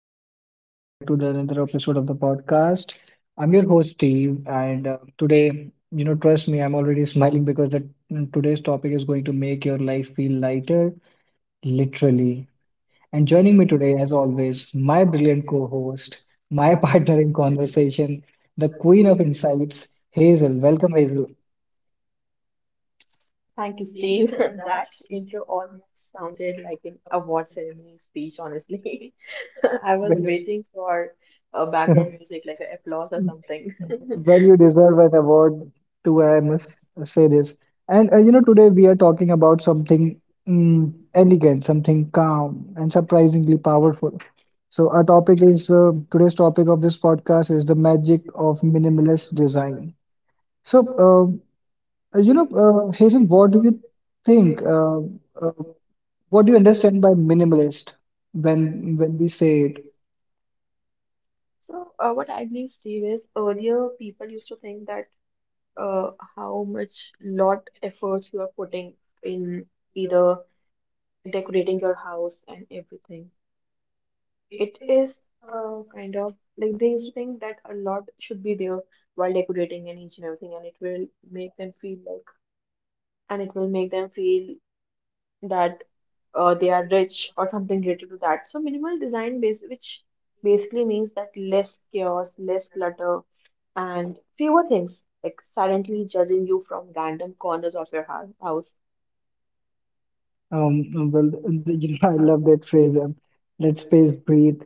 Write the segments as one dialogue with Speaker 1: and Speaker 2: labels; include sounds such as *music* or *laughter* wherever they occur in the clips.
Speaker 1: everyone, and welcome back to the another episode of the podcast. I'm your host, Steve, and today, trust me, I'm already smiling because today's topic is going to make your life feel lighter, literally. And joining me today, as always, my brilliant co-host, my *laughs* partner in conversation, the queen of insights, Hazel. Welcome, Hazel.
Speaker 2: Thank you, Steve. *laughs* That intro almost sounded like an award ceremony speech, honestly. *laughs* I was
Speaker 1: Well,
Speaker 2: waiting for background music, like an applause or
Speaker 1: *laughs*
Speaker 2: something.
Speaker 1: when you deserve an award too, I must say this. And today we are talking about something elegant, something calm, and surprisingly powerful. So, our topic is today's topic of this podcast is the magic of minimalist design. So, Hazel, what do you think? Uh, what do you understand by minimalist when we say it?
Speaker 2: So, what I believe, Steve, is earlier people used to think that uh, how much lot efforts you are putting in either decorating your house and everything. It is kind of like they used to think that a lot should be there while decorating and each and everything, and it will make them feel and it will make them feel that they are rich or something related to that. So minimal design base, which basically means that less chaos, less clutter, and fewer things like silently judging you from random corners of your house.
Speaker 1: Well, *laughs* I love that phrase. Let space breathe.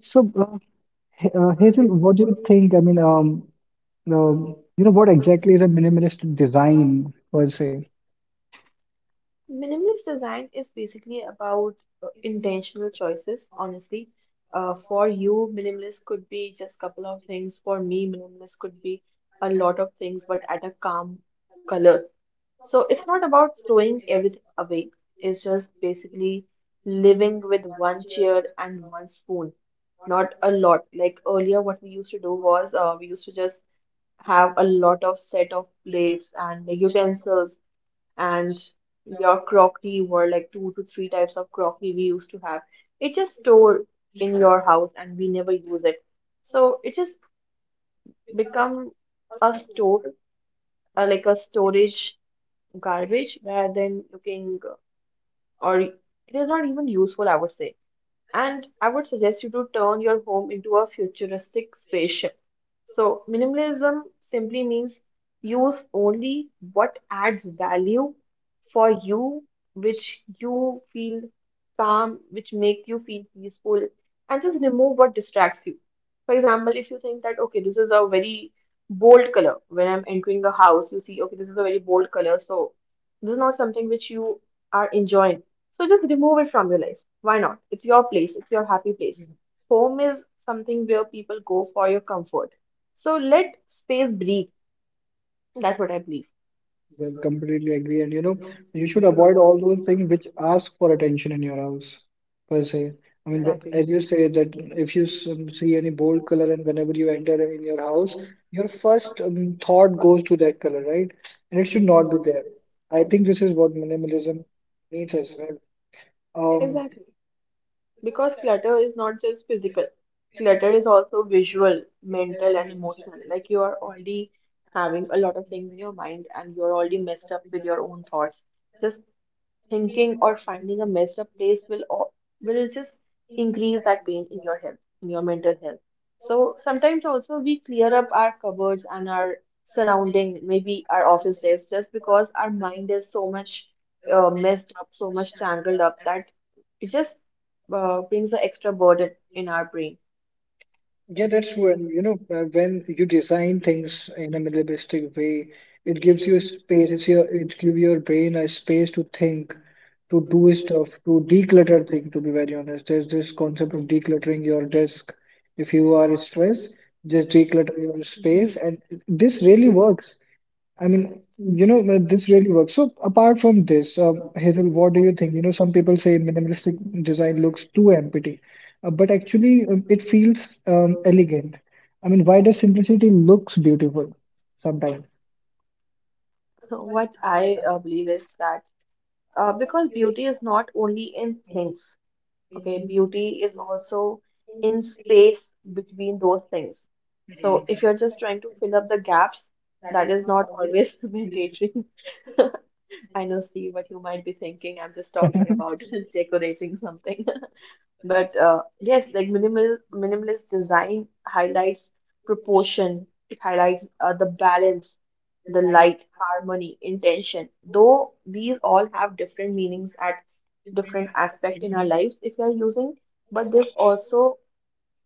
Speaker 1: So, Hazel, what do you think? I mean, what exactly is a minimalist design per se?
Speaker 2: Minimalist design is basically about intentional choices, honestly. For you, minimalist could be just couple of things. For me, minimalist could be a lot of things, but at a calm color. So it's not about throwing everything away. It's just basically living with one chair and one spoon. Not a lot. Like earlier, what we used to do was we used to just have a lot of set of plates and utensils, and your crockery were like two to three types of crockery we used to have. It just stored in your house and we never use it. So it just become a store, like a storage garbage rather than looking, or it is not even useful, I would say. And I would suggest you to turn your home into a futuristic spaceship. So, minimalism simply means use only what adds value for you, which you feel calm, which make you feel peaceful, and just remove what distracts you. For example, if you think that, okay, this is a very bold color, when I'm entering a house, you see, okay, this is a very bold color, so this is not something which you are enjoying. So just remove it from your life. Why not? It's your place, it's your happy place. Home is something where people go for your comfort. So let space breathe. That's what I believe.
Speaker 1: Well, completely agree. And you should avoid all those things which ask for attention in your house per se. I mean,
Speaker 2: Exactly.
Speaker 1: as you say that if you see any bold color and whenever you enter in your house, your first thought goes to that color, right? And it should not be there. I think this is what minimalism needs as well. Um,
Speaker 2: Exactly. Because clutter is not just physical, clutter is also visual, mental, and emotional. Like you are already having a lot of things in your mind and you're already messed up with your own thoughts. Just thinking or finding a messed up place will just increase that pain in your health, in your mental health. So sometimes also we clear up our cupboards and our surrounding, maybe our office desk, just because our mind is so much messed up, so much tangled up that it just brings an extra burden in our brain.
Speaker 1: Yeah, that's true. And when you design things in a minimalistic way, it gives you space. It gives your brain a space to think, to do stuff, to declutter things. To be very honest, there's this concept of decluttering your desk. If you are stressed, just declutter your space,
Speaker 2: *laughs*
Speaker 1: and this really works. I mean, this really works. So apart from this, Hazel, what do you think? Some people say minimalistic design looks too empty, but actually, it feels elegant. I mean, why does simplicity looks beautiful sometimes?
Speaker 2: So what I believe is that because beauty is not only in things. Okay, beauty is also in space between those things. So if you're just trying to fill up the gaps, that is not always *laughs* mandatory. *laughs* I know, Steve, what you might be thinking. I'm just
Speaker 1: *laughs*
Speaker 2: talking about *laughs* decorating something. But yes, like minimalist design highlights proportion. It highlights the balance, the light, harmony, intention. Though these all have different meanings at different aspect in our lives if we are using, but this also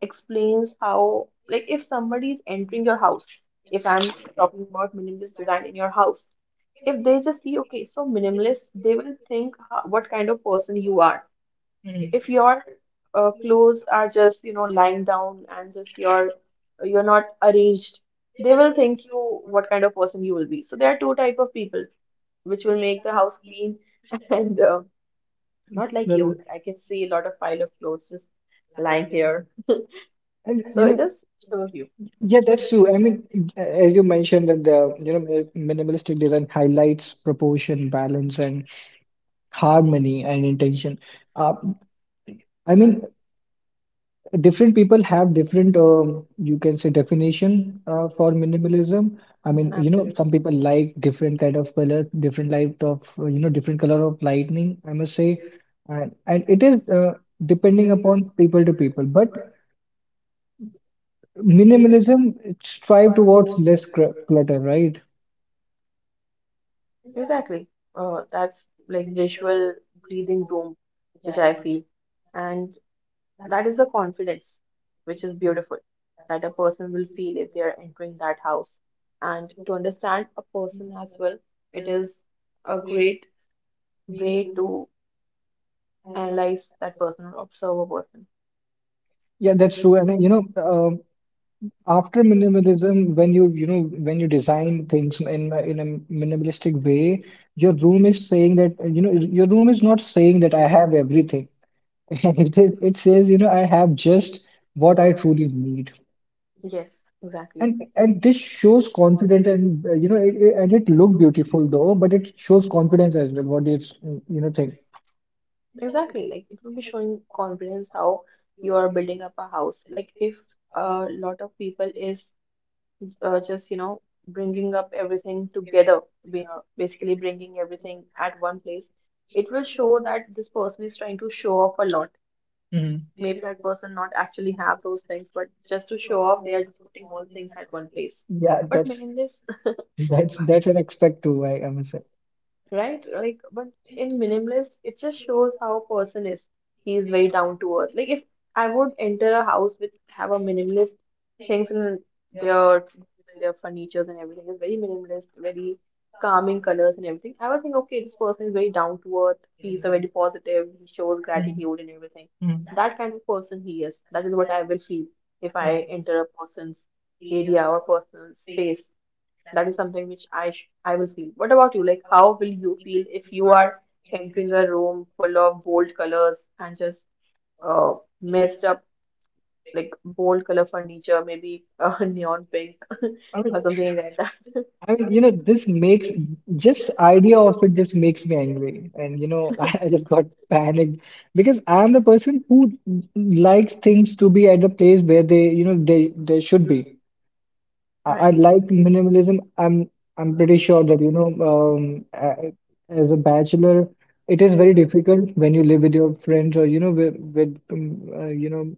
Speaker 2: explains how, like if somebody is entering your house, if I'm talking about minimalist design in your house, if they just see, okay, so minimalist, they will think what kind of person you are if your clothes are just you know lying down, and just your you're not arranged, they will think you what kind of person you will be. So there are two type of people which will make the house clean *laughs* and not like you.
Speaker 1: Rather-
Speaker 2: I can see a lot of pile of clothes just lying here,
Speaker 1: And
Speaker 2: so it just shows you.
Speaker 1: yeah, that's true. I mean, as you mentioned that the minimalistic design highlights proportion, balance, and harmony and intention. Uh, I mean, different people have different you can say definition for minimalism. I mean, some
Speaker 2: Absolutely.
Speaker 1: people like different kind of colors, different light of, different color of lightning, I must say. And it is, depending upon people to people, but minimalism, it strive towards less clutter, right?
Speaker 2: Exactly. That's like visual breathing room, which I feel. And that is the confidence, which is beautiful, that a person will feel if they are entering that house. And to understand a person as well, it is a great way to analyze that person or observe a person.
Speaker 1: Yeah, that's true. And after minimalism, when when you design things in a minimalistic way, your room is saying that, your room is not saying that I have everything. *laughs* It says I have just what I truly need,
Speaker 2: Yes, exactly.
Speaker 1: and this shows confidence. And it look beautiful though, but it shows confidence as well. What do you s- you know think?
Speaker 2: Exactly. Like it will be showing confidence how you are building up a house. Like if a lot of people is just you know bringing up everything together, you know, basically bringing everything at one place, it will show that this person is trying to show off a lot.
Speaker 1: Hmm.
Speaker 2: Maybe that person not actually have those things, but just to show off they are just putting all things at one place.
Speaker 1: Yeah,
Speaker 2: Yeah, but
Speaker 1: that's
Speaker 2: minimalist,
Speaker 1: an expect too. I must say.
Speaker 2: right? Like, but in minimalist, it just shows how a person is. He is very down to earth. Like, if I would enter a house with have a minimalist things, and their their furnitures and everything is very minimalist, very calming colors and everything. I would think, okay, this person is very down to earth. He's a very positive. He shows gratitude and everything. That kind of person he is. That is what I will feel if I enter a person's area or personal space. That is something which I will feel. What about you? Like, how will you feel if you are entering a room full of bold colors and just messed up, like bold color furniture, maybe a *laughs* neon pink *laughs* or something like that? *laughs*
Speaker 1: I mean, this makes just idea of it just makes me angry. And *laughs* I just got panicked because I'm the person who likes things to be at the place where they, you know, they should be. I,
Speaker 2: Right.
Speaker 1: I like minimalism. I'm pretty sure that as a bachelor, it is very difficult when you live with your friends, or you know with you know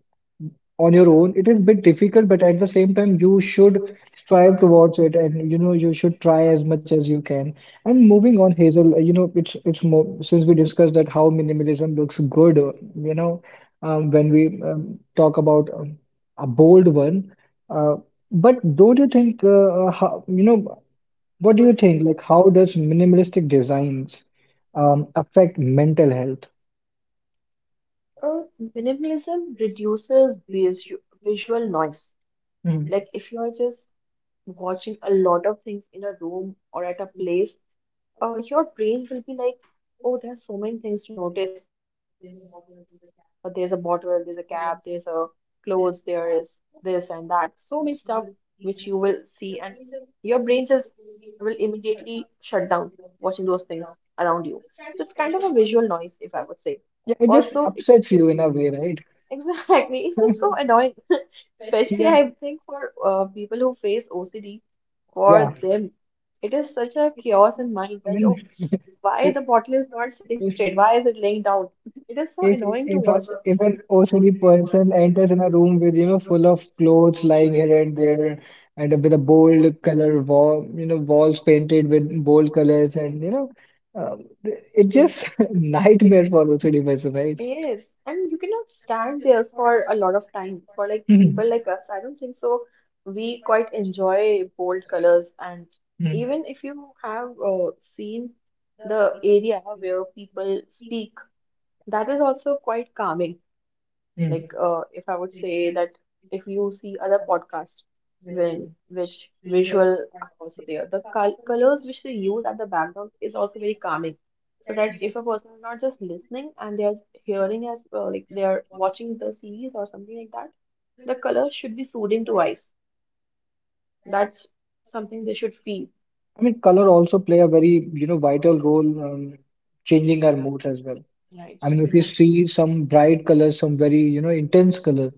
Speaker 1: on your own. It is a bit difficult, but at the same time, you should strive towards it, and you should try as much as you can. And moving on, Hazel, it's more since we discussed that how minimalism looks good, when we talk about a bold one. uh. But don't you think, what do you think? Like, how does minimalistic designs affect mental health?
Speaker 2: Uh, Minimalism reduces visual noise.
Speaker 1: Mhm.
Speaker 2: Like if you are just watching a lot of things in a room or at a place, your brain will be like, oh, there's so many things to notice. There's a bottle, there's a cap, there's a clothes, there is this and that. So many stuff which you will see, and your brain just will immediately shut down watching those things around you. So it's kind of a visual noise, if I would say.
Speaker 1: Yeah, it just
Speaker 2: Also, it
Speaker 1: upsets you in a way,
Speaker 2: *laughs*
Speaker 1: right?
Speaker 2: exactly. It's just so *laughs* annoying, especially
Speaker 1: Yeah,
Speaker 2: I think for people who face OCD,
Speaker 1: yeah.
Speaker 2: for them, it is such a chaos in mind
Speaker 1: I
Speaker 2: that, oh,
Speaker 1: mean,
Speaker 2: why the
Speaker 1: *laughs*
Speaker 2: bottle is not sitting
Speaker 1: it,
Speaker 2: straight? Why is it laying down? *laughs* It is so
Speaker 1: If
Speaker 2: annoying to
Speaker 1: if
Speaker 2: watch
Speaker 1: a if an
Speaker 2: it.
Speaker 1: OCD person enters in a room with, full of clothes lying here and there, and with a bold color wall, walls painted with bold colors, and it's just *laughs* nightmare for OCD person, right?
Speaker 2: Yes, and you cannot stand there for a lot of time. For like
Speaker 1: Hmm,
Speaker 2: people like us, I don't think so. We quite enjoy bold colors, and
Speaker 1: hmm,
Speaker 2: even if you have seen the area where people speak, that is also quite calming.
Speaker 1: hmm.
Speaker 2: Like, if I would say that if you see other podcasts, when which visual are also there, the colors which they use at the background is also very calming. So that if a person is not just listening and they are hearing as well, like they are watching the series or something like that, the colors should be soothing to eyes. That's something they should feel.
Speaker 1: I mean, color also play a very, vital role, changing our moods as well. I mean, if you see some bright color, some very, intense color,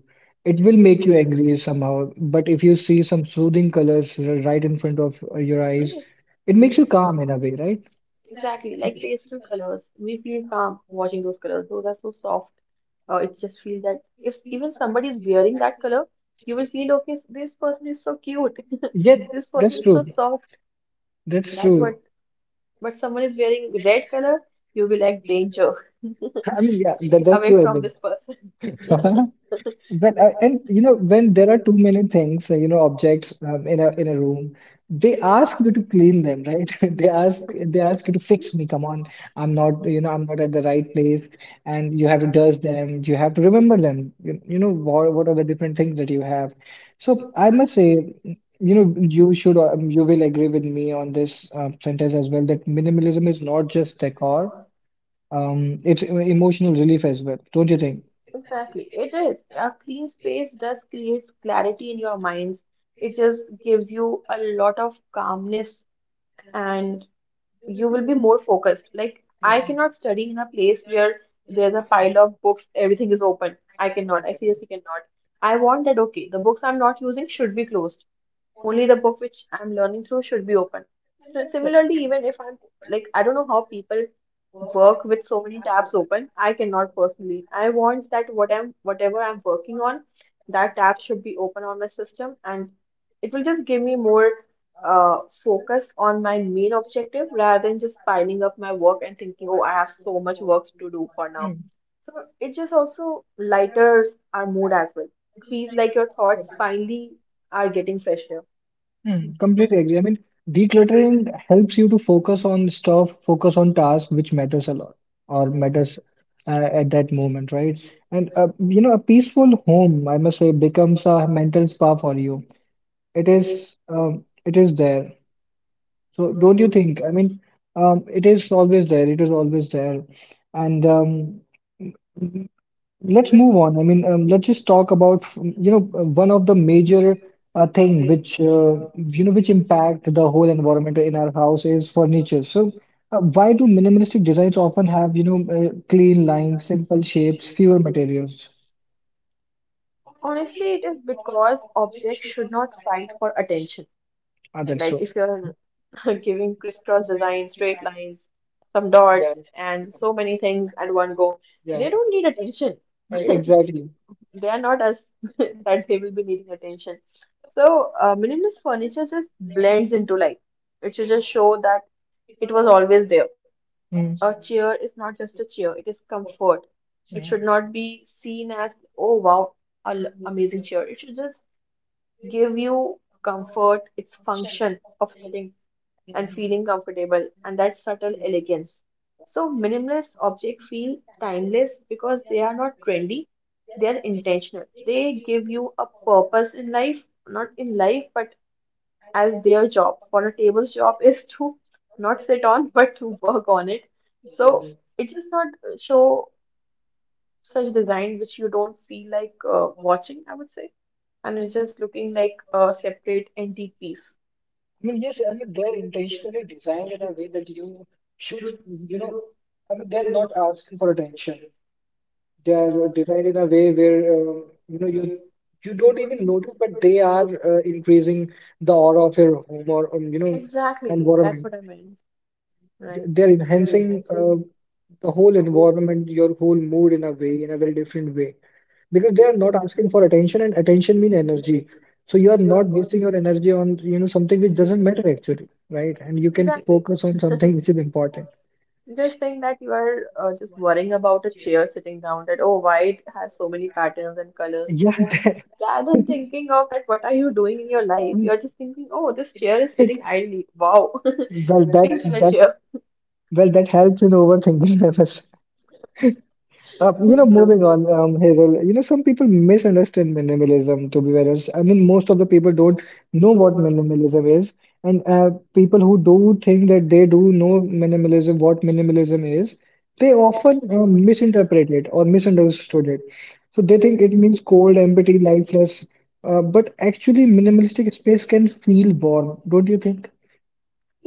Speaker 1: it will make you angry somehow. But if you see some soothing colors right in front of your eyes,
Speaker 2: Yes.
Speaker 1: it makes you calm in a way, right?
Speaker 2: Exactly, like pastel colors, we feel calm watching those colors. Those are so soft. It just feels that if even somebody is wearing that color, you will feel okay. This person is so cute. *laughs*
Speaker 1: Yeah,
Speaker 2: This person
Speaker 1: that's
Speaker 2: is so
Speaker 1: true.
Speaker 2: soft.
Speaker 1: That's
Speaker 2: That
Speaker 1: true.
Speaker 2: what? But someone is wearing red color, you'll be like danger. *laughs*
Speaker 1: *laughs* I mean, yeah, that,
Speaker 2: Stay
Speaker 1: that's
Speaker 2: away
Speaker 1: true, I
Speaker 2: from
Speaker 1: mean.
Speaker 2: this person.
Speaker 1: *laughs* But and you know when there are too many things, objects, in a room, they ask you to clean them, right? *laughs* They ask you to fix me. Come on, I'm not at the right place, and you have to dust them. You have to remember them. What are the different things that you have? So I must say, you will agree with me on this, sentence as well, that minimalism is not just decor, it's, emotional relief as well, don't you think?
Speaker 2: Exactly. It is. A clean space does create clarity in your minds. It just gives you a lot of calmness, and you will be more focused. Like, I
Speaker 1: Mm.
Speaker 2: cannot study in a place where there's a pile of books, everything is open. I cannot. I seriously cannot. I want that, okay, the books I'm not using should be closed, only the book which I'm learning through should be open. So similarly, even if I'm like, I don't know how people work with so many tabs open. I cannot personally. I want that whatever I'm working on, that tab should be open on my system, and it will just give me more uh focus on my main objective rather than just piling up my work and thinking, oh, I have so much work to do for now.
Speaker 1: Hmm,
Speaker 2: So it just also lighters our mood as well. It feels like your thoughts finally are getting fresher.
Speaker 1: hmm. Completely agree. I mean, decluttering helps you to focus on stuff, focus on tasks which matters a lot, or matters, at that moment, right? And a peaceful home, I must say, becomes a mental spa for you. It is there. So don't you think? I mean, it is always there. It is always there, and Let's move on. I mean, let's just talk about, one of the major thing which impact the whole environment in our house is furniture. So, why do minimalistic designs often have, clean lines, simple shapes, fewer materials?
Speaker 2: Honestly, it is because objects should not fight for attention.
Speaker 1: Are that
Speaker 2: Like
Speaker 1: so?
Speaker 2: if you're *laughs* giving crisscross designs, straight lines, some
Speaker 1: Yeah,
Speaker 2: dots, and so many things at one go,
Speaker 1: yeah,
Speaker 2: they don't need attention.
Speaker 1: exactly.
Speaker 2: *laughs* They are not us *laughs* that they will be needing attention. So minimalist furniture just blends into life. It should just show that it was always there.
Speaker 1: Mm,
Speaker 2: A chair is not just a chair, it is comfort. It
Speaker 1: yeah.
Speaker 2: should not be seen as, oh wow, an amazing chair. It should just give you comfort, its function of sitting and feeling comfortable, and that subtle elegance. So, minimalist objects feel timeless because they are not trendy, they are intentional. They give you a purpose in life, not in life, but as their job. For a table's job is to not sit on, *laughs* but to work on it.
Speaker 1: Mm.
Speaker 2: So, it does not show such design which you don't feel like watching, I would say, and it's just looking like a separate antique piece.
Speaker 1: I mean, yes, I mean, they're intentionally designed in a way that you should, you know, I mean, they're not asking for attention. They are designed in a way where, you don't even notice, but they are increasing the aura of your home or,
Speaker 2: Exactly, that's
Speaker 1: environment.
Speaker 2: what I meant, right?
Speaker 1: They're enhancing the whole environment, your whole mood in a way, in a very different way, because they are not asking for attention, and attention mean energy. So you are not wasting your energy on, something which doesn't matter, actually, right? And you can
Speaker 2: Exactly.
Speaker 1: focus on something which is important.
Speaker 2: This thing that you are just worrying about a chair sitting down, that oh, why it has so many patterns and colors.
Speaker 1: Yeah, *laughs*
Speaker 2: Rather than thinking of that, what are you doing in your life?
Speaker 1: um,
Speaker 2: You're just thinking, oh, this chair is
Speaker 1: it-
Speaker 2: sitting idly. Wow,
Speaker 1: well,
Speaker 2: *laughs* pink color chair.
Speaker 1: that helps in overthinking. *laughs* Uh, you know,
Speaker 2: *laughs* True.
Speaker 1: moving on, Hazel, some people misunderstand minimalism, to be very honest. I mean, most of the people don't know what minimalism is. And people who do think that they do know minimalism, what minimalism is, they often misinterpret it or misunderstood it. So they think it means cold, empty, lifeless. But actually, minimalistic space can feel warm, don't you think?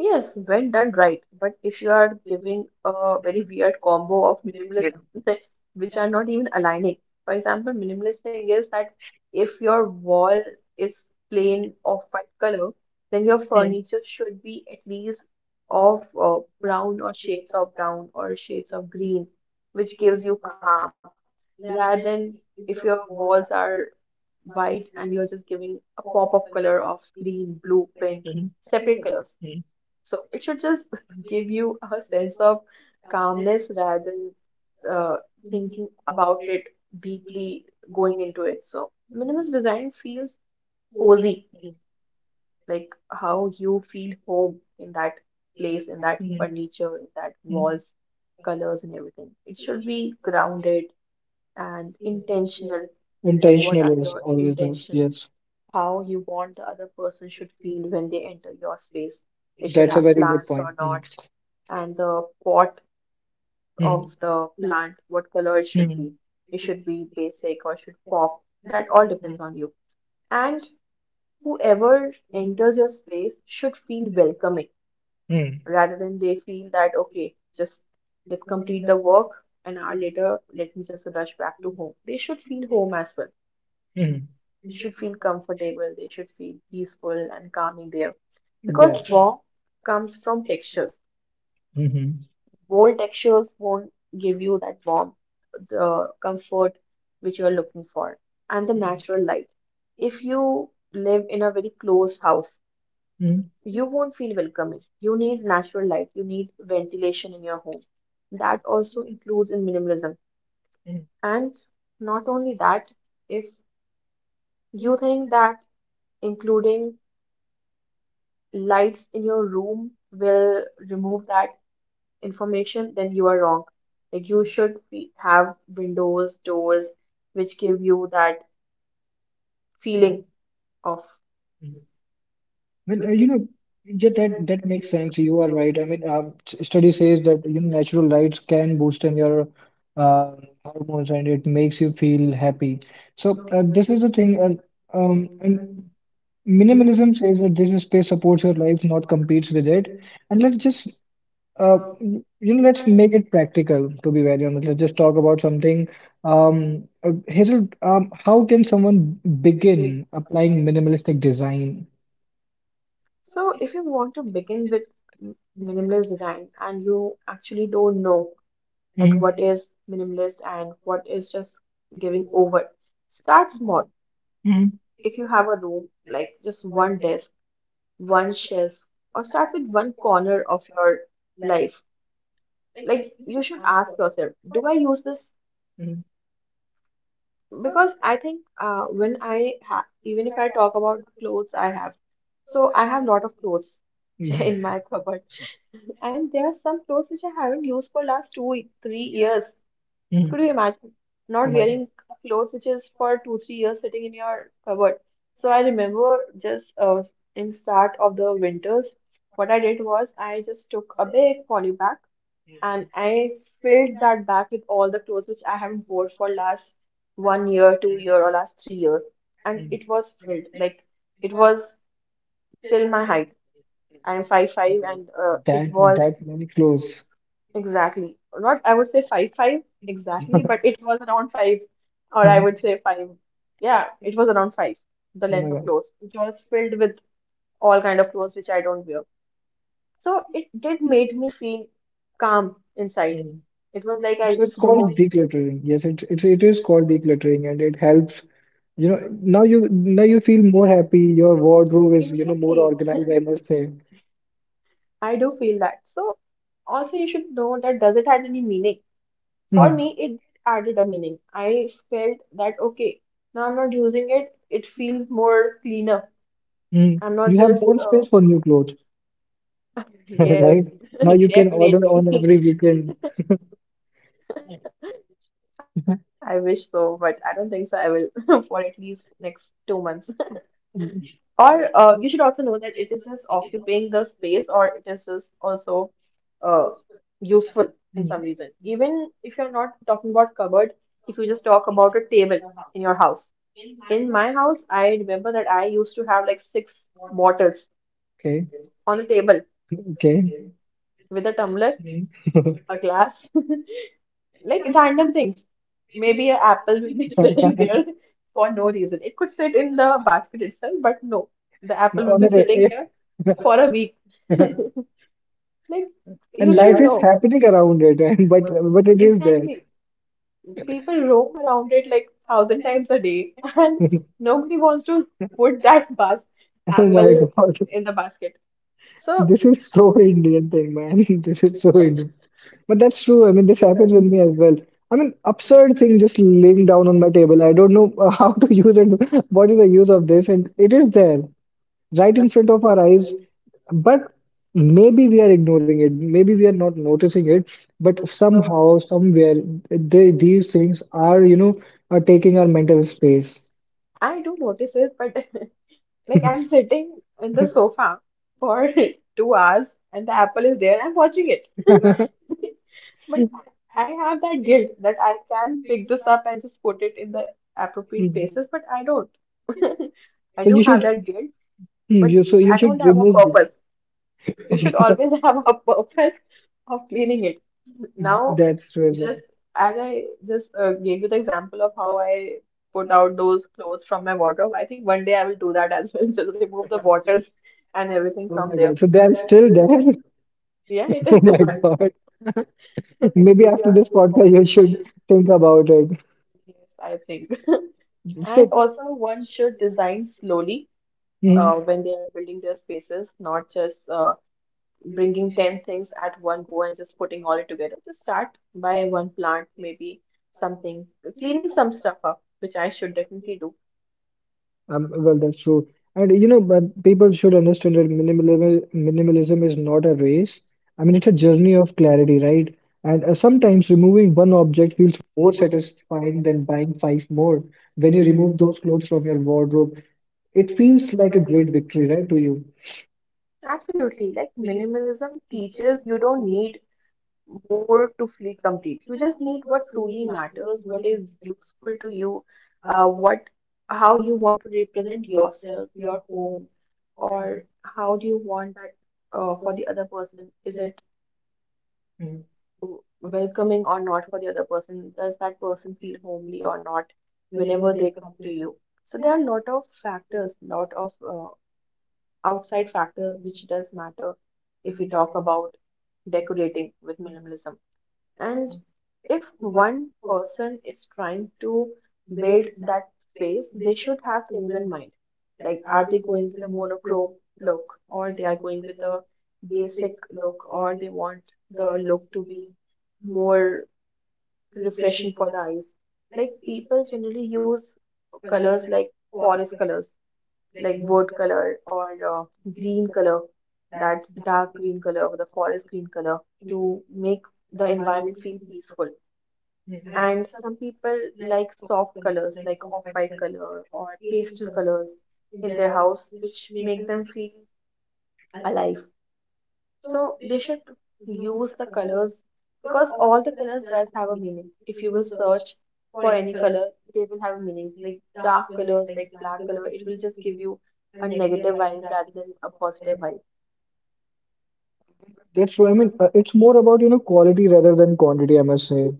Speaker 2: Yes, when done right. But if you are giving a very weird combo of minimalism, *laughs* which are not even aligning. For example, minimalist thing is that if your wall is plain of white color,
Speaker 1: Mm,
Speaker 2: then your
Speaker 1: mm,
Speaker 2: furniture should be at least of brown or shades of brown or shades of green, which gives you calm. Rather than if your walls are white and you're just giving a pop of color of green, blue, pink, separate colors,
Speaker 1: mm,
Speaker 2: so it should just *laughs* give you a sense of calmness rather than uh, thinking about it deeply, going into it. So minimalist design feels cozy, like how you feel home in that place, in that
Speaker 1: mm,
Speaker 2: furniture, in that
Speaker 1: mm.
Speaker 2: walls, colors, and everything. It should be grounded and intentional. Like, what are
Speaker 1: Intentional is
Speaker 2: your
Speaker 1: always us.
Speaker 2: intentions?
Speaker 1: Yes,
Speaker 2: How you want the other person should feel when they enter your space. It should
Speaker 1: that's a
Speaker 2: have
Speaker 1: very good
Speaker 2: plants
Speaker 1: point.
Speaker 2: or not,
Speaker 1: Mhm.
Speaker 2: and the pot
Speaker 1: Mhm.
Speaker 2: of the plant, what color it should be.
Speaker 1: Mhm.
Speaker 2: It should be basic or should pop. That all depends on you. And whoever enters your space should feel welcoming
Speaker 1: Mhm.
Speaker 2: rather than they feel that, okay, just let's complete the work an hour later, let me just rush back to home. They should feel home as well.
Speaker 1: Mhm.
Speaker 2: Should feel comfortable, they should feel peaceful and calming there. Because
Speaker 1: Yeah.
Speaker 2: warmth comes from textures.
Speaker 1: Mhm.
Speaker 2: Bold textures won't give you that warmth, the comfort which you are looking for, and the natural light. If you live in a very closed house,
Speaker 1: Mhm.
Speaker 2: you won't feel welcoming. You need natural light, you need ventilation in your home. That also includes in minimalism. And not only that, if you think that including lights in your room will remove that information, then you are wrong. Like you should be, have windows, doors, which give you that feeling of.
Speaker 1: Mhm. Well, yeah, that makes sense. You are right. I mean, study says that, natural lights can boost in your, uh, hormones, and it makes you feel happy. So this is the thing, and and minimalism says that this space supports your life, not competes with it. And let's just, you know, let's make it practical, to be very honest. Let's just talk about something. Hazel, how can someone begin applying minimalistic design?
Speaker 2: So if you want to begin with m- minimalist design and you actually don't know that
Speaker 1: Hmm.
Speaker 2: what is minimalist and what is just giving over, start small.
Speaker 1: Hmm.
Speaker 2: If you have a room, like just one desk, one shelf, or start with one corner of your life, like you should ask yourself, do I use this?
Speaker 1: Hmm.
Speaker 2: Because I think when even if I talk about the clothes I have, so I have lot of clothes
Speaker 1: Yeah.
Speaker 2: *laughs* in my cupboard, and there are some clothes which I haven't used for last 2-3 years.
Speaker 1: Hmm.
Speaker 2: Could you imagine
Speaker 1: Oh
Speaker 2: not
Speaker 1: my God.
Speaker 2: wearing clothes which is for two, 3 years sitting in your cupboard? So I remember just in start of the winters, what I did was I just took a big poly bag and I filled that bag with all the clothes which I haven't wore for last 1 year, 2 year, or last 3 years, and
Speaker 1: Mm.
Speaker 2: it was filled like it was till my height. I'm five
Speaker 1: Oh
Speaker 2: five,
Speaker 1: my God.
Speaker 2: and it
Speaker 1: That,
Speaker 2: was
Speaker 1: that many clothes.
Speaker 2: Exactly. Not, I would say five five exactly,
Speaker 1: *laughs*
Speaker 2: but it was around five, or I
Speaker 1: Mhm.
Speaker 2: would say five. Yeah, it was around five, the
Speaker 1: Oh
Speaker 2: length
Speaker 1: my
Speaker 2: of
Speaker 1: God.
Speaker 2: clothes, which was filled with all kind of clothes which I don't wear. So it did made me feel calm inside.
Speaker 1: Mm.
Speaker 2: It was like I
Speaker 1: It's
Speaker 2: just
Speaker 1: called
Speaker 2: removed.
Speaker 1: decluttering. Yes, it is called decluttering, and it helps. Now you now you feel more happy. Your wardrobe is, more
Speaker 2: Exactly.
Speaker 1: organized, I must say.
Speaker 2: *laughs* I do feel that. So also you should know, that does it have any meaning? For
Speaker 1: Mhm.
Speaker 2: me it added a meaning. I felt that, okay, now I'm not using it, it feels more cleaner,
Speaker 1: Mm.
Speaker 2: I'm not
Speaker 1: You have
Speaker 2: just
Speaker 1: more space for new clothes,
Speaker 2: *laughs*
Speaker 1: *laughs*
Speaker 2: yes.
Speaker 1: right? Now
Speaker 2: *laughs*
Speaker 1: you can order on
Speaker 2: Definitely.
Speaker 1: every weekend.
Speaker 2: I wish so, but I don't think so I will *laughs* for at least next 2 months, *laughs* or
Speaker 1: Mm.
Speaker 2: you should also know that it is just occupying the space or it is just also uh, useful in some reason,
Speaker 1: Mm.
Speaker 2: even if you're not talking about cupboard, if you just talk about a table in your house. In my house, I remember that I used to have like six bottles
Speaker 1: Okay,
Speaker 2: on the table
Speaker 1: okay.
Speaker 2: with a tumbler,
Speaker 1: Mm. *laughs*
Speaker 2: a glass, *laughs* like random things. Maybe an apple will be *laughs* sitting there for no reason. It could sit in the basket itself, but no, the apple will
Speaker 1: On a
Speaker 2: be sitting
Speaker 1: day-
Speaker 2: here
Speaker 1: *laughs*
Speaker 2: for a week. Like,
Speaker 1: And
Speaker 2: you
Speaker 1: life
Speaker 2: should
Speaker 1: is
Speaker 2: know.
Speaker 1: happening around it, *laughs* but it is there.
Speaker 2: Exactly. People roam around it like thousand times a day, *laughs* and
Speaker 1: *laughs*
Speaker 2: nobody wants to put that bas
Speaker 1: *laughs* Oh my
Speaker 2: apple
Speaker 1: God.
Speaker 2: in the basket. So
Speaker 1: This is so Indian thing, man. *laughs* This is so Indian. But that's true. I mean, this happens with me as well. I mean, absurd thing just laying down on my table. I don't know, *laughs* how to use it. What is the use of this? And it is there, right in front of our eyes. But maybe we are ignoring it. Maybe we are not noticing it. But somehow, somewhere, these things are, are taking our mental space.
Speaker 2: I do notice it, but *laughs* like I'm sitting in the sofa for *laughs* 2 hours and the apple is there, I'm watching it.
Speaker 1: *laughs*
Speaker 2: But I have that guilt that I can pick this up and just put it in the appropriate
Speaker 1: Hmm.
Speaker 2: places, but I don't. *laughs* I
Speaker 1: So
Speaker 2: do
Speaker 1: you
Speaker 2: have
Speaker 1: should,
Speaker 2: that guilt, but
Speaker 1: you
Speaker 2: I don't
Speaker 1: should
Speaker 2: have a
Speaker 1: remove this.
Speaker 2: purpose. You should
Speaker 1: Okay,
Speaker 2: always *laughs* have a purpose of cleaning it.
Speaker 1: *laughs*
Speaker 2: Now
Speaker 1: that's true as well.
Speaker 2: just as I just gave you the example of how I put out those clothes from my wardrobe, I think one day I will do that as well. *laughs* Just remove the bottles and everything
Speaker 1: Oh
Speaker 2: from
Speaker 1: my
Speaker 2: there.
Speaker 1: god. So they are still there. *laughs*
Speaker 2: Yeah, it
Speaker 1: Oh
Speaker 2: is
Speaker 1: my
Speaker 2: different.
Speaker 1: god.
Speaker 2: *laughs*
Speaker 1: Maybe after this podcast, you should think about it.
Speaker 2: Yes, I think. *laughs* And
Speaker 1: So,
Speaker 2: also, one should design slowly
Speaker 1: hmm.
Speaker 2: when they are building their spaces, not just bringing 10 things at one go and just putting all it together. Just start by one plant, maybe something, cleaning some stuff up, which I should definitely do.
Speaker 1: Well, that's true. And you know, but people should understand that minimalism is not a race. I mean, it's a journey of clarity, right? And sometimes removing one object feels more satisfying than buying five more. When you remove those clothes from your wardrobe, it feels like a great victory, right, to you?
Speaker 2: Absolutely. Like minimalism teaches you don't need more to feel complete. You just need what truly matters, what is useful to you, what how you want to represent yourself, your home, or how do you want that for the other person? Is it
Speaker 1: Mm.
Speaker 2: welcoming or not for the other person? Does that person feel homely or not whenever they come to you? So there are a lot of factors, lot of outside factors which does matter if we talk about decorating with minimalism, and if one person is trying to build that space, they should have things in mind, like are they going with a monochrome look, or they are going with a basic look, or they want the look to be more refreshing for the eyes. Like people generally use colors like forest colors, like wood color or green color, that dark green color or the forest green color to make the environment feel peaceful. Mhm. And some people like soft colors like off-white color or pastel colors in their house, which make them feel alive. So they should use the colors because all the colors does have a meaning. If you will search for any color, they will have a meaning. Like dark colors, like black color, it will just give you a negative vibe rather than a positive vibe.
Speaker 1: That's true. I mean, it's more about, you know, quality rather than quantity, I must say.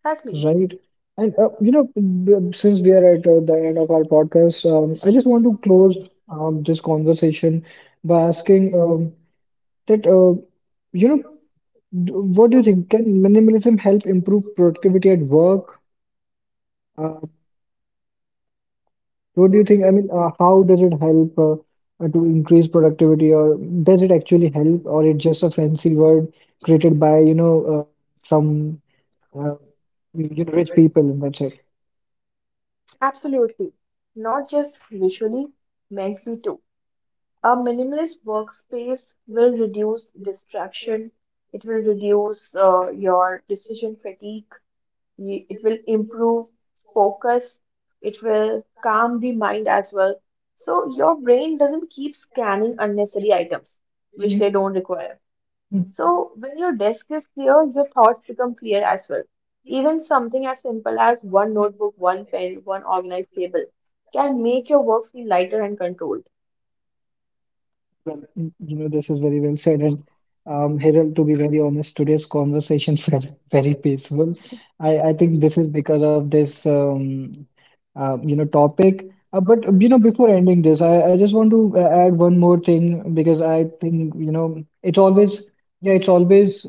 Speaker 2: Exactly.
Speaker 1: Right. And you know, since we are at the end of our podcast, I just want to close this conversation by asking that you know, what do you think? Can minimalism help improve productivity at work? Uh, what do you think? I mean, how does it help to increase productivity, or does it actually help, or it's just a fancy word created by you know some uh, you know, rich people, and that's it?
Speaker 2: Absolutely. Not just visually, mentally too. A minimalist workspace will reduce distraction, it will reduce your decision fatigue, it will improve focus, it will calm the mind as well. So your brain doesn't keep scanning unnecessary items which they don't require. So when your desk is clear, your thoughts become clear as well. Even something as simple as one notebook, one pen, one organized table can make your work feel lighter and controlled.
Speaker 1: Well, mm, you know, this is very well said. And Hiral, to be very honest, today's conversation *laughs* felt very peaceful. I think this is because of this, you know, topic. But, you know, before ending this, I just want to add one more thing because I think, you know, it's always, yeah, it's always,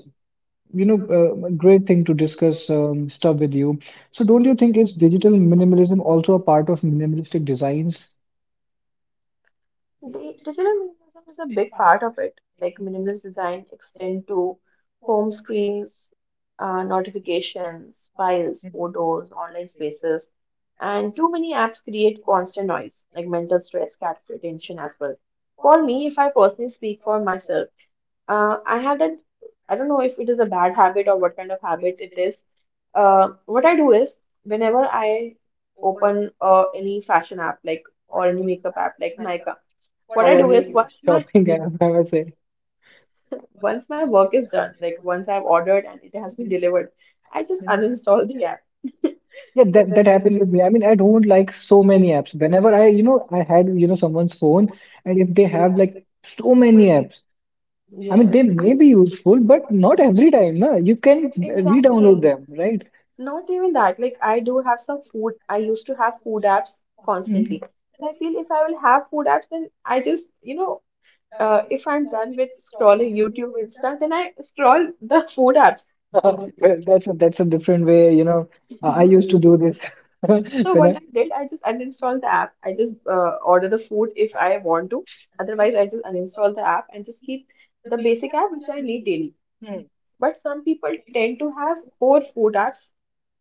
Speaker 1: you know, a great thing to discuss stuff with you. So don't you think is digital minimalism also a part of minimalistic designs
Speaker 2: Digital minimalism is a big part of it. Like minimalist design extend to home screens, notifications, files, photos, online spaces, and too many apps create constant noise, like mental stress, capture attention as well. For me, if I personally speak for myself, I have that. I don't know if it is a bad habit or what kind of habit it is. What I do is whenever I open any fashion app, like or any makeup app, like Nykaa. What
Speaker 1: or
Speaker 2: I do is
Speaker 1: any shopping *laughs* app, I would say?
Speaker 2: once my work is done, like once I've ordered and it has been delivered, I just uninstall the app.
Speaker 1: Yeah, that happened with me. I mean, I don't like so many apps. Whenever I, you know, I had, you know, someone's phone, and if they have like so many apps, I mean, they
Speaker 2: Yes, *laughs*
Speaker 1: may be useful, but not every time. No? You can re-download
Speaker 2: exactly.
Speaker 1: them, right?
Speaker 2: Not even that. Like I do have some food. I used to have food apps
Speaker 1: Hmm.
Speaker 2: constantly.
Speaker 1: *laughs*
Speaker 2: And I feel if I will have food apps, then I just, you know, if I'm done with scrolling YouTube Insta, then I scroll the food apps.
Speaker 1: Well, that's a different way. You know, I used to do this *laughs*
Speaker 2: So
Speaker 1: when
Speaker 2: what I
Speaker 1: I
Speaker 2: did, I just uninstalled the app. I just order the food if I want to. Otherwise, I just uninstall the app and just keep the basic app which I need daily.
Speaker 1: hmm.
Speaker 2: But some people tend to have four food apps,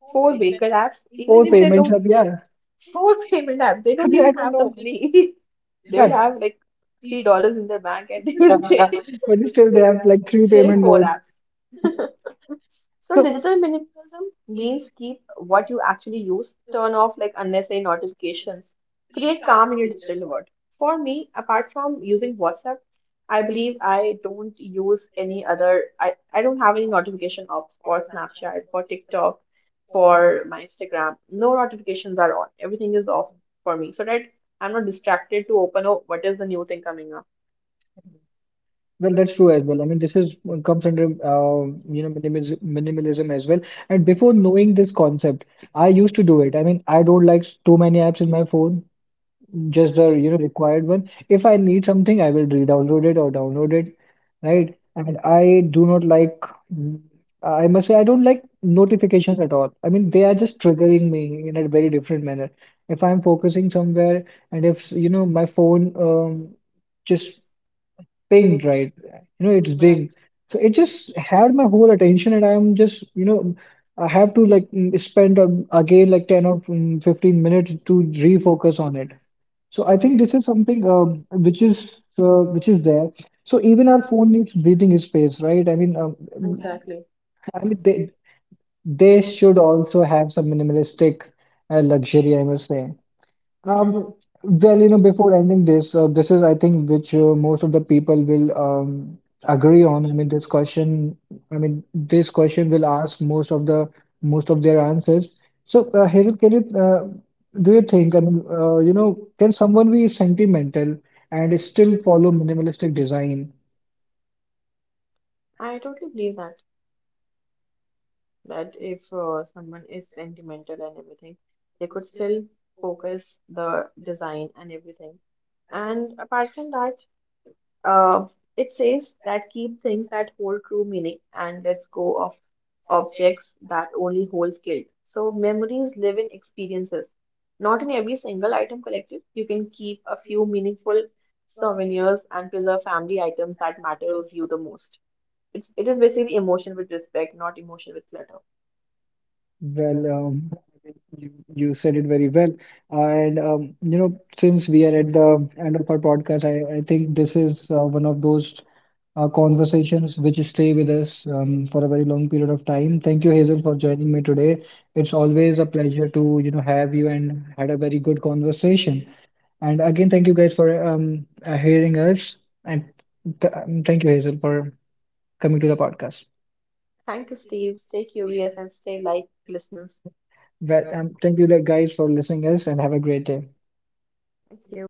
Speaker 2: four vehicle apps,
Speaker 1: Four
Speaker 2: even if they
Speaker 1: payments
Speaker 2: don't
Speaker 1: up. Yeah,
Speaker 2: four *laughs* payment apps. They
Speaker 1: *laughs* I
Speaker 2: don't
Speaker 1: mean, I
Speaker 2: even
Speaker 1: don't
Speaker 2: have the
Speaker 1: know.
Speaker 2: money. *laughs* They
Speaker 1: Yeah,
Speaker 2: will have like $3 in their bank and they will *laughs* say
Speaker 1: *laughs* but still, they have like three
Speaker 2: still
Speaker 1: payment
Speaker 2: four
Speaker 1: modes.
Speaker 2: apps. So
Speaker 1: So.
Speaker 2: digital minimalism means keep what you actually use, turn off like unnecessary notifications, create calm in your digital world. For me, apart from using WhatsApp, I believe I don't use any other I don't have any notification ops for Snapchat, for TikTok, for my Instagram. No notifications are on. Everything is off for me so that I'm not distracted to open, oh, what is the new thing coming up.
Speaker 1: Well, that's true as well. I mean, this is comes under you know minimalism as well. And before knowing this concept, I used to do it. I mean, I don't like too many apps in my phone, just the you know required one. If I need something, I will re-download it or download it, right? And I do not like, I must say, I don't like notifications at all. I mean, they are just triggering me in a very different manner. If I'm focusing somewhere, and if you know my phone just pinged, right? You know, it's ding. So it just had my whole attention, and I'm just, you know, I have to like spend again like 10 or 15 minutes to refocus on it. So I think this is something which is there. So even our phone needs breathing space, right? I mean,
Speaker 2: Exactly.
Speaker 1: I mean they should also have some minimalistic luxury, I must say. Um, well, you know, before ending this, this is, I think, which most of the people will agree on. I mean, this question, I mean, this question will ask most of the most of their answers. So, Hazel, can you do you think? I mean, you know, can someone be sentimental and still follow minimalistic design?
Speaker 2: That if someone is sentimental and everything, they could still focus the design and everything. And apart from that, uh, it says that keep things that hold true meaning and let's go of objects that only hold guilt. So memories live in experiences. Not in every single item collected. You can keep a few meaningful souvenirs and preserve family items that matters you the most. It is basically emotion with respect, not emotion with clutter.
Speaker 1: Well, you said it very well. And, you know, since we are at the end of our podcast, I think this is one of those conversations which stay with us for a very long period of time. Thank you, Hazel, for joining me today. It's always a pleasure to, you know, have you and had a very good conversation. And again, thank you guys for hearing us. And th thank you, Hazel, for coming to the podcast.
Speaker 2: Thank you, Steve. Stay curious and stay light, listeners.
Speaker 1: But thank you like, guys for listening us and have a great day.
Speaker 2: Thank you.